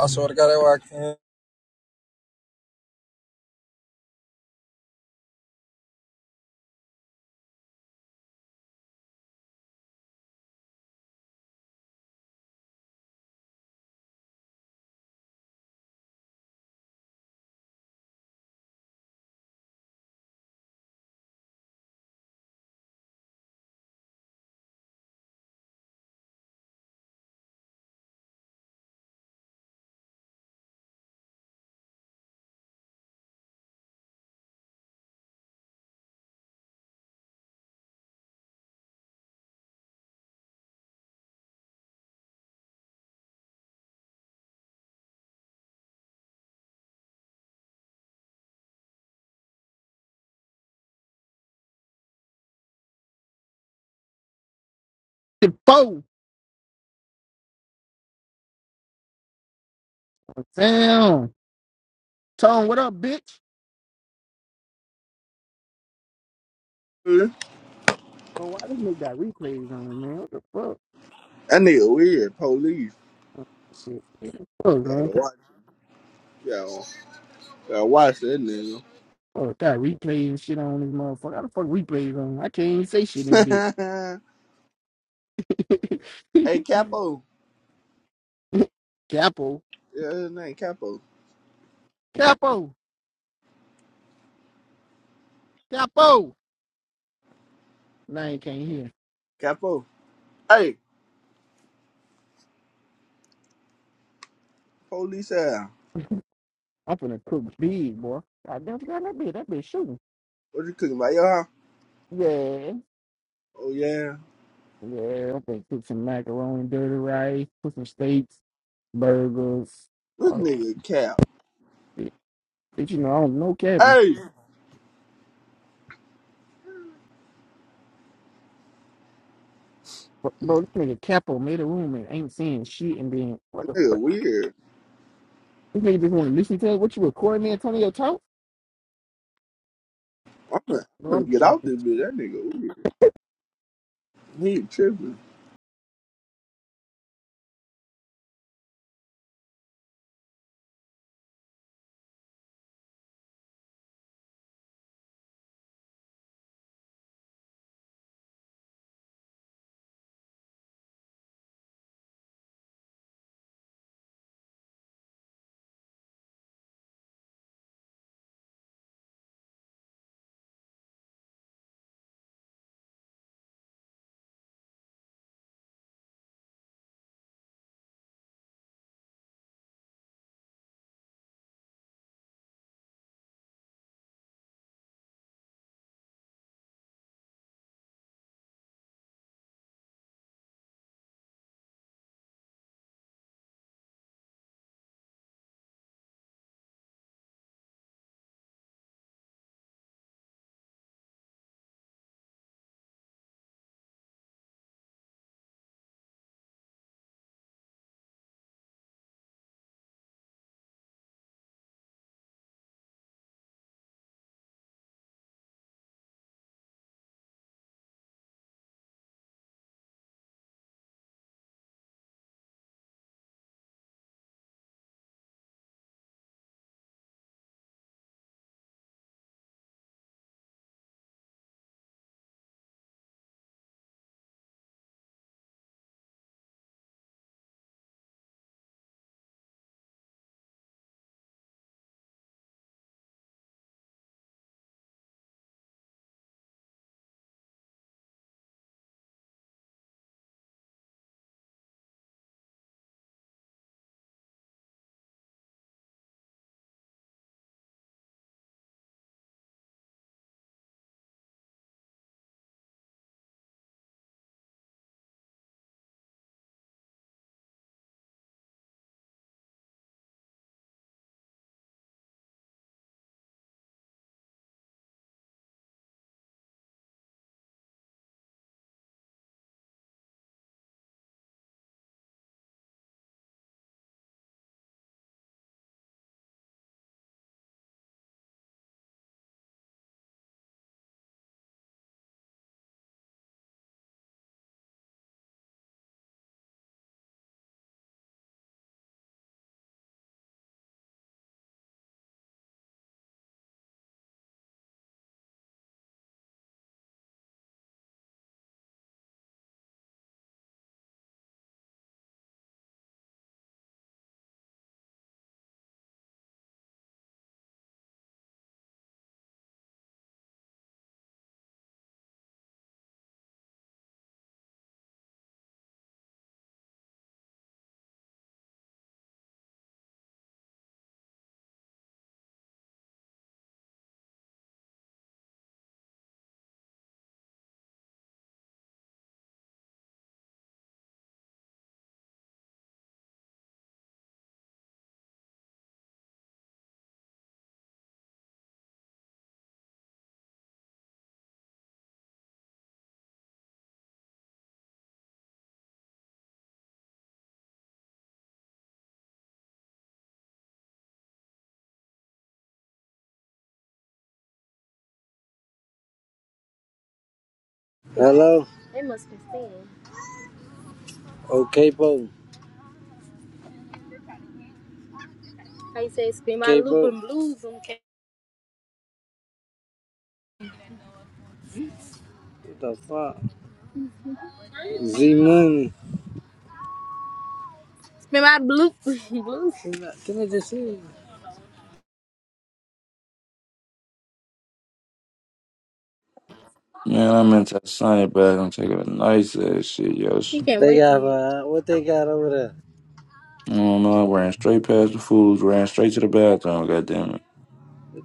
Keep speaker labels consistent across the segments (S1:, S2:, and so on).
S1: I swear to God, that's why I can't.
S2: four. Damn. Tone, what up, bitch?
S3: Mm-hmm.
S2: Bro, why this nigga got replays on, man? What the fuck?
S3: That nigga weird. Police.
S2: Shit. What the fuck, man?
S3: Gotta
S2: What the
S3: watch. Yo, gotta watch that nigga.
S2: Fuck, got replays and shit on this motherfucker. How the fuck replays on? I can't even say shit in this
S3: hey,
S2: bitch.
S3: Capo.
S2: Capo.
S3: Yeah, his name Capo.
S2: Capo. Capo. Now I can't hear.
S3: Capo. Hey, police out.
S2: I'm finna cook big, boy. I never got that bitch. That bitch shooting.
S3: What you cooking about your house?
S2: Yeah.
S3: Oh yeah.
S2: Yeah. I'm finna cook some macaroni, dirty rice, put some steaks, burgers.
S3: This
S2: all that
S3: nigga Cap.
S2: shit. But you know, I don't know Kevin.
S3: Hey,
S2: Bro, bro, this nigga Capo made a room and ain't saying shit and being what
S3: that
S2: the
S3: nigga
S2: fuck?
S3: weird.
S2: This nigga just want to listen to it. What you recording, Antonio Talk?
S3: I'm gonna,
S2: No,
S3: I'm gonna
S2: I'm
S3: get
S2: getting off
S3: out
S2: this.
S3: this bitch. That nigga weird. He tripping.
S4: Hello? They must be singing. Okay, po. How you say spin my Okay, loop and blues on ca- What the fuck? Z Money. Spin my loop. Give me the shit.
S5: Man, I meant to sign it back. I'm taking a nice ass shit, yo.
S4: He can't They wait to got, uh, what
S5: I
S4: they got over there?
S5: don't know. I ran straight past the foods, ran straight to the bathroom. Goddamn it,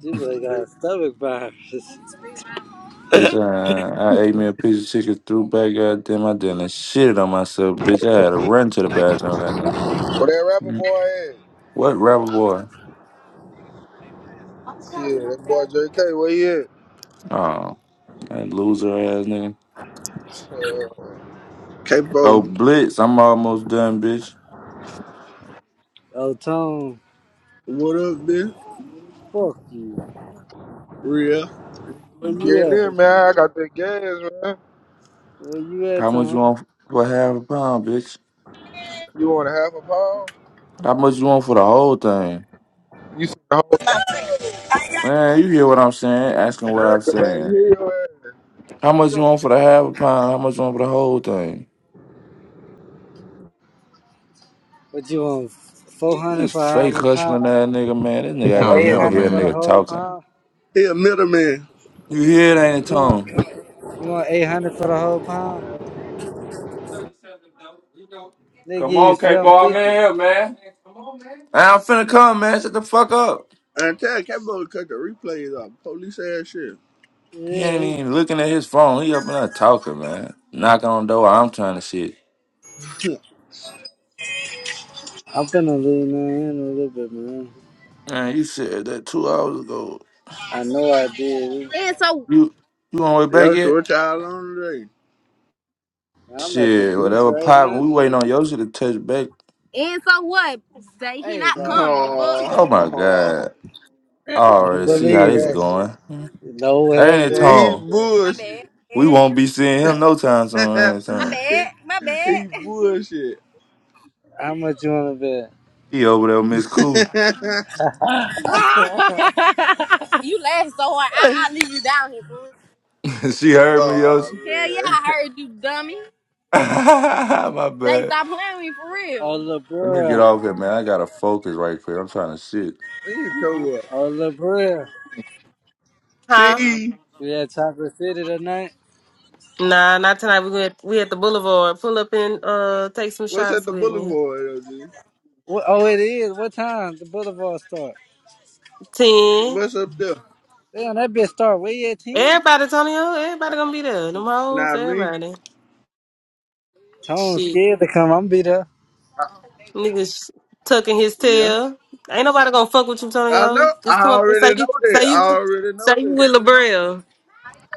S4: You boy got stomach virus.
S5: bitch! I, I ate me a piece of chicken, threw back. Goddamn, I didn't shit on myself, bitch. I had to run to the bathroom. Goddamn.
S6: Where that rapper
S5: Mm.
S6: boy at?
S5: What rapper boy?
S6: Shit, that boy JK, where he at?
S5: Oh, that loser ass nigga.
S6: Uh,
S5: Oh,
S3: Capo.
S5: Blitz, I'm almost done, bitch.
S4: Oh, Tom.
S3: What up, bitch?
S4: Fuck you.
S3: Real.
S4: Where
S6: get
S4: you
S6: in there,
S4: at?
S6: man. I got that gas, man.
S4: Where you at,
S5: How much you
S4: Tom?
S5: want for half a pound, bitch?
S6: You want a half a pound?
S5: How much you want for the whole thing?
S6: You see the whole
S5: Man, you hear what I'm saying? Asking
S6: thing?
S5: what
S6: Man,
S5: I'm
S6: I can barely
S5: saying.
S6: hear your ass.
S5: How
S6: Speak
S5: much you
S6: up.
S5: want for the half a pound? How much you want for the whole thing?
S4: What you want? 400
S5: This
S4: for half
S5: fake
S4: a
S5: hustling
S4: pound?
S5: ass nigga, man. This
S7: He
S5: nigga
S4: Uh,
S5: act
S7: kind
S5: like
S7: of
S5: he don't hear
S4: 800
S5: a
S4: for the
S5: nigga
S7: middleman.
S4: whole
S5: talking.
S4: pound?
S3: He a middleman.
S5: You hear it, ain't it,
S4: You want?
S5: Tone?
S4: You want 800 for the whole pound? They
S5: Come
S4: give you
S5: on, K-Ball, man,
S4: 750.
S5: here, man. I'm finna come, man. Shut the fuck up.
S3: And tell Capo to cut the replays off. Police ass shit.
S5: He ain't
S4: Yeah,
S5: even looking at his phone. He up in there talking, man. Knocking on the door. I'm trying to shit.
S4: I'm finna leave lean in a little bit, man.
S5: Man, you said that two hours ago.
S4: I know I did. And so
S5: You you on the way back
S3: That's
S5: yet?
S3: what y'all on today.
S4: I'm at the
S5: Shit,
S4: beach
S5: whatever
S4: right
S5: poppin'.
S4: now,
S5: We waiting
S4: nigga.
S5: on Yoshi to touch back.
S4: and so what? They he Hey, not bro. coming. The book.
S5: Oh my
S3: Oh,
S5: god. I
S4: Don't
S5: already see how
S4: believe
S5: this
S4: that
S5: going. Ain't
S4: shit. No, it ain't
S5: it,
S4: going
S3: he
S4: like
S5: Tone?
S4: that. My
S3: bullshit.
S4: bad.
S5: We won't be seeing him no time soon.
S4: My
S5: Anytime
S3: he,
S4: bad. My bad.
S3: he bullshit.
S4: How much you wanna bet?
S5: he over there, with Miss Cool.
S4: You laugh so hard, I I leave you down here for real.
S5: she heard me,
S3: oh
S5: Yoshi.
S4: Hell yeah,
S3: man,
S4: I heard you, dummy.
S5: My
S4: They
S5: bad.
S4: stop playing with me for real. Oh,
S5: Let me get
S4: LeBron.
S5: off here, man. I gotta focus right quick. I'm trying to shit.
S3: he told up.
S4: Oh, LeBron.
S8: Huh?
S3: Cheese,
S4: We at Chocolate City tonight.
S8: Nah, not tonight. We went we at the boulevard. Pull up and uh take some
S3: what's at
S8: shots
S3: the
S8: with me.
S3: boulevard, LG?
S4: What, oh, it is. What time the Boulevard start?
S8: Ten.
S3: What's up there?
S4: Damn, that bitch start way at 10.
S8: Everybody, Tonyo, everybody gonna be there. Them hoes,
S3: Not me.
S8: everybody.
S4: Tone
S8: Shit.
S4: scared to come. I'm be there.
S3: I-
S8: Niggas tucking his
S3: yeah,
S8: tail. Ain't nobody gonna fuck with you,
S3: I know.
S8: Tonyo. Just
S3: I
S8: come up and say
S3: already know
S8: you say
S3: that. I
S8: you with
S3: already
S8: say
S3: know
S8: you
S3: that.
S8: with LaBrea.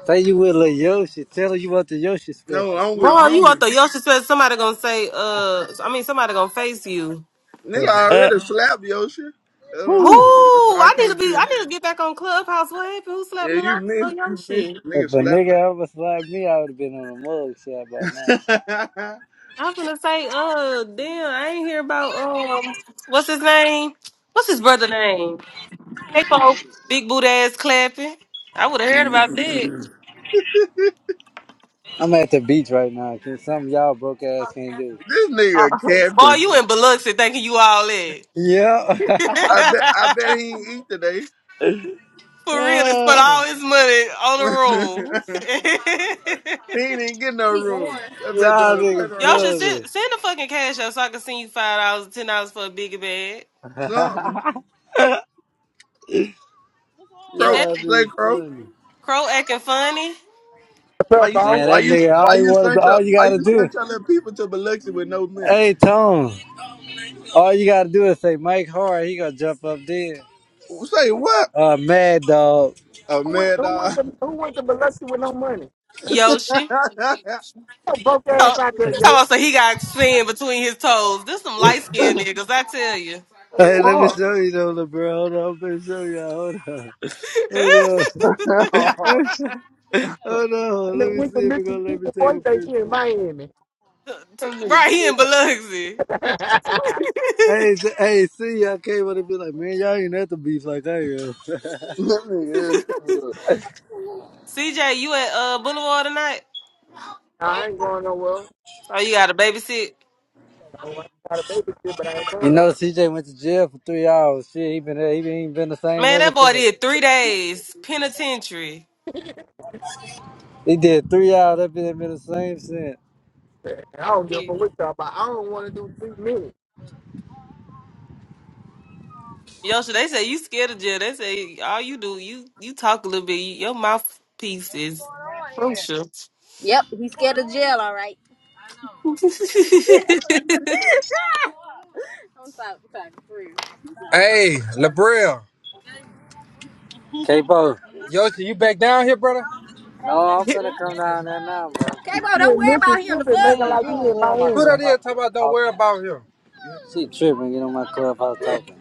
S4: Say you with Lil Yoshi. Tell her you want the Yoshi
S3: No,
S4: special.
S3: I'm with
S8: Bro, you out
S3: me.
S8: the Yoshi? said somebody gonna say uh I mean somebody gonna face you.
S3: Nigga, I
S4: Uh,
S3: already slapped your shit. That's what
S8: Who?
S3: I'm
S4: Whew.
S3: saying. So I
S8: I need to
S3: can't
S8: be I
S3: just.
S8: need to get back on Clubhouse. What happened? Who slapped
S3: Yeah,
S8: Lil
S3: you
S8: Oh,
S3: missed,
S8: Yoshi.
S3: you missed the
S4: If a
S3: nigga slap.
S4: nigga ever slapped me, I would have been on a mug shot by now.
S3: this
S8: I'm finna say, uh, damn, I ain't hear about um, what's his name? What's his brother name? Capo, big boot ass clapping. I would have heard about that.
S4: I'm at the beach right now. Can something y'all broke ass can't do?
S3: nigga
S8: Boy,
S3: capping.
S8: you in Biloxi thinking you all in.
S4: Yeah.
S3: I bet, I bet he ain't eat today.
S8: For real, to spend
S4: Ah.
S8: all his money on the room.
S3: he ain't even get no
S4: We going.
S3: room. I bet
S4: y'all
S3: doing a
S4: niggas
S8: Y'all
S3: turnaround.
S8: should
S4: funny.
S8: send, send the fucking cash out so I can send you five dollars, ten dollars for a bigger bag.
S3: Something.
S8: Is
S3: Crow,
S8: that
S4: y'all
S3: play
S4: niggas
S3: crow.
S4: funny.
S8: crow acting funny?
S2: What's
S3: Why
S2: up,
S3: you,
S2: dog?
S4: Man,
S3: why
S4: that
S3: you,
S4: nigga,
S3: why
S4: all you
S3: you
S4: wanted,
S3: sent your,
S4: all you
S3: why
S4: gotta
S3: you
S4: do.
S3: sent your little people to Biloxi with no money?
S4: Hey, Tone. All you gotta do is say Mike Hard, he gonna jump up there.
S3: Say what?
S4: Uh, Mad Dog.
S3: A
S2: Who want,
S3: mad
S2: who want
S3: dog.
S2: the
S3: Fuck.
S2: who want the Biloxi with no money?
S8: Yoshi.
S2: Yo, broke ass
S8: Talk Talking
S2: out there, yo.
S8: so he got sand between his toes. This some light skinned niggas, I tell you.
S4: Hey, let me show you though, little bro. Hold on, let me show y'all. Hold on, hold on,
S3: that
S4: hold
S2: And
S4: on. Let
S2: then
S4: me
S2: went to
S4: see if it gonna
S2: Mississippi
S4: let me
S2: boy
S4: take a
S2: think
S4: picture.
S2: she in Miami.
S3: nigga
S8: right here in
S3: tore up.
S8: Biloxi.
S2: I
S4: Hey, s- hey, see y'all came up and be like, man, y'all ain't at the beef like I am.
S3: That nigga is tore up.
S8: CJ, you at uh Boulevard tonight?
S2: ain't going nowhere.
S8: Oh, you got a babysit?
S2: So I got a baby shit, but I ain't
S4: you
S2: going
S4: know,
S2: nowhere.
S4: CJ went to jail for three hours. Shit, he been there, he ain't been the same
S8: Man,
S4: ever
S8: that boy
S4: since.
S8: did three days penitentiary.
S4: He did three hours. That been been the same since.
S2: I don't give a
S8: Yeah.
S2: fuck what y'all about. I don't want to do three minutes.
S8: Yosha, they say you scared of jail. They say all you do, you you talk a little bit. You, your mouthpiece is crucial.
S4: Yep, he's scared of jail, all right. I'm sorry, I'm sorry, for real.
S1: Hey, Labril.
S4: K-Bo.
S1: Yoshi, you back down here, brother?
S4: No, I'm finna come down there now, bro. K-Bo,
S2: You
S4: don't
S2: in
S4: worry about him. The
S2: Mississippi
S4: fuck?
S2: making
S4: Man, you
S2: like
S4: don't
S2: you
S4: get
S2: in
S4: on my
S1: Who that
S2: Miami.
S1: is
S4: clubhouse
S1: talking
S4: get
S1: about
S4: to
S1: don't worry
S4: talking.
S1: about him?
S4: She tripping, get on my clubhouse talking.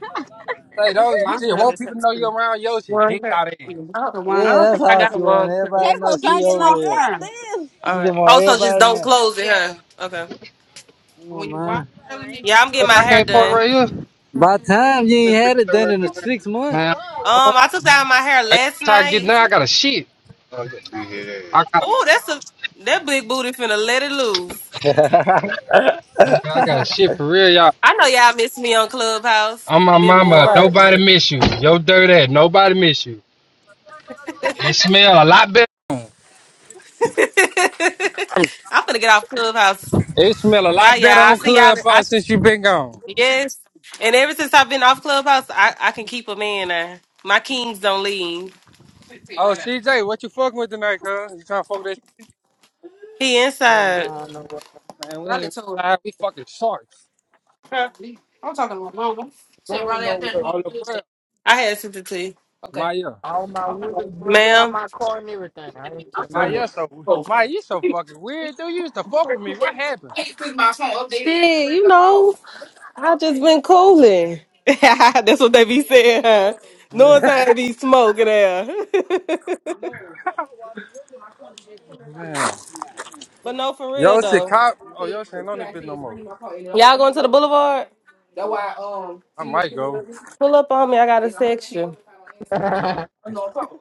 S1: Hey, don't, you just want people to know you around Yoshi. Dick out of ass.
S4: Yeah, that's how she want everybody to know k she talking over like here. that, damn. She just want
S8: also, just
S4: everybody to
S8: don't
S4: know.
S8: close it, huh? Okay.
S4: Come on, man. All right.
S8: Yeah, I'm getting my
S1: I
S8: hair
S1: can't park
S8: done.
S1: right here.
S4: By time you ain't had it done in the six months.
S1: Man,
S4: Come on, wake
S8: Um, I took out my hair
S1: I ain't
S8: last
S1: tired of getting
S8: night.
S1: there. I got a shit. Yeah. I got
S8: Oh, that's a that big booty finna let it loose.
S4: up.
S1: man, I got a shit for real, y'all.
S8: I know y'all miss me on Clubhouse.
S1: I'm my
S8: Been
S1: mama.
S8: boring.
S4: Everybody,
S1: Nobody miss you. Yo, dirty ass. Nobody miss you. It smell a lot better.
S8: I'm finna get off Clubhouse.
S1: It smell a lot
S8: Bye, y'all.
S1: better
S8: I
S1: on
S8: see y'all. I
S1: Clubhouse since you been gone.
S8: yes. And ever since I've been off Clubhouse, I, I can keep a man now. My kings don't leave.
S1: Oh, CJ, what you fucking with tonight, cuz? You trying to fuck with that
S8: He
S2: I ain't
S8: inside.
S2: going nowhere.
S1: Man, we ain't tired. We fucking sharks.
S2: Going nowhere.
S1: Oh, LeBron.
S8: I had sent it to you,
S1: Maya.
S2: All my windows busted out
S8: ma'am.
S2: my car and everything. I ain't going
S1: Maya so Maya, you so fucking weird, dude. You used to fuck with me. What happened?
S8: know. I just been cooling. That's what they be saying. Huh? No time to be smoking there. but no, for real
S1: Yo, shit,
S8: though.
S1: cop. Oh, yo, shit, ain't on this bitch no more.
S8: Y'all going to the boulevard?
S1: I might go.
S8: Pull up on me. I got a section.
S2: nowhere.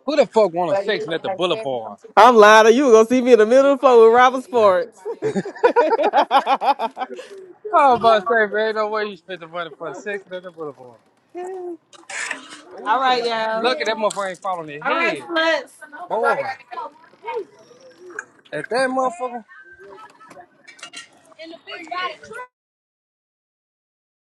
S1: Who the fuck want a section at the boulevard?
S8: I'm lying. to You You gonna see me in the middle of the floor with Robert Sports.
S1: I was about to say, man, ain't no way you spent the money for a section at the boulevard.
S8: All right, y'all.
S1: Lucky that motherfucker ain't falling on his
S8: All right,
S1: head.
S8: sluts.
S1: Boy. At that motherfucker.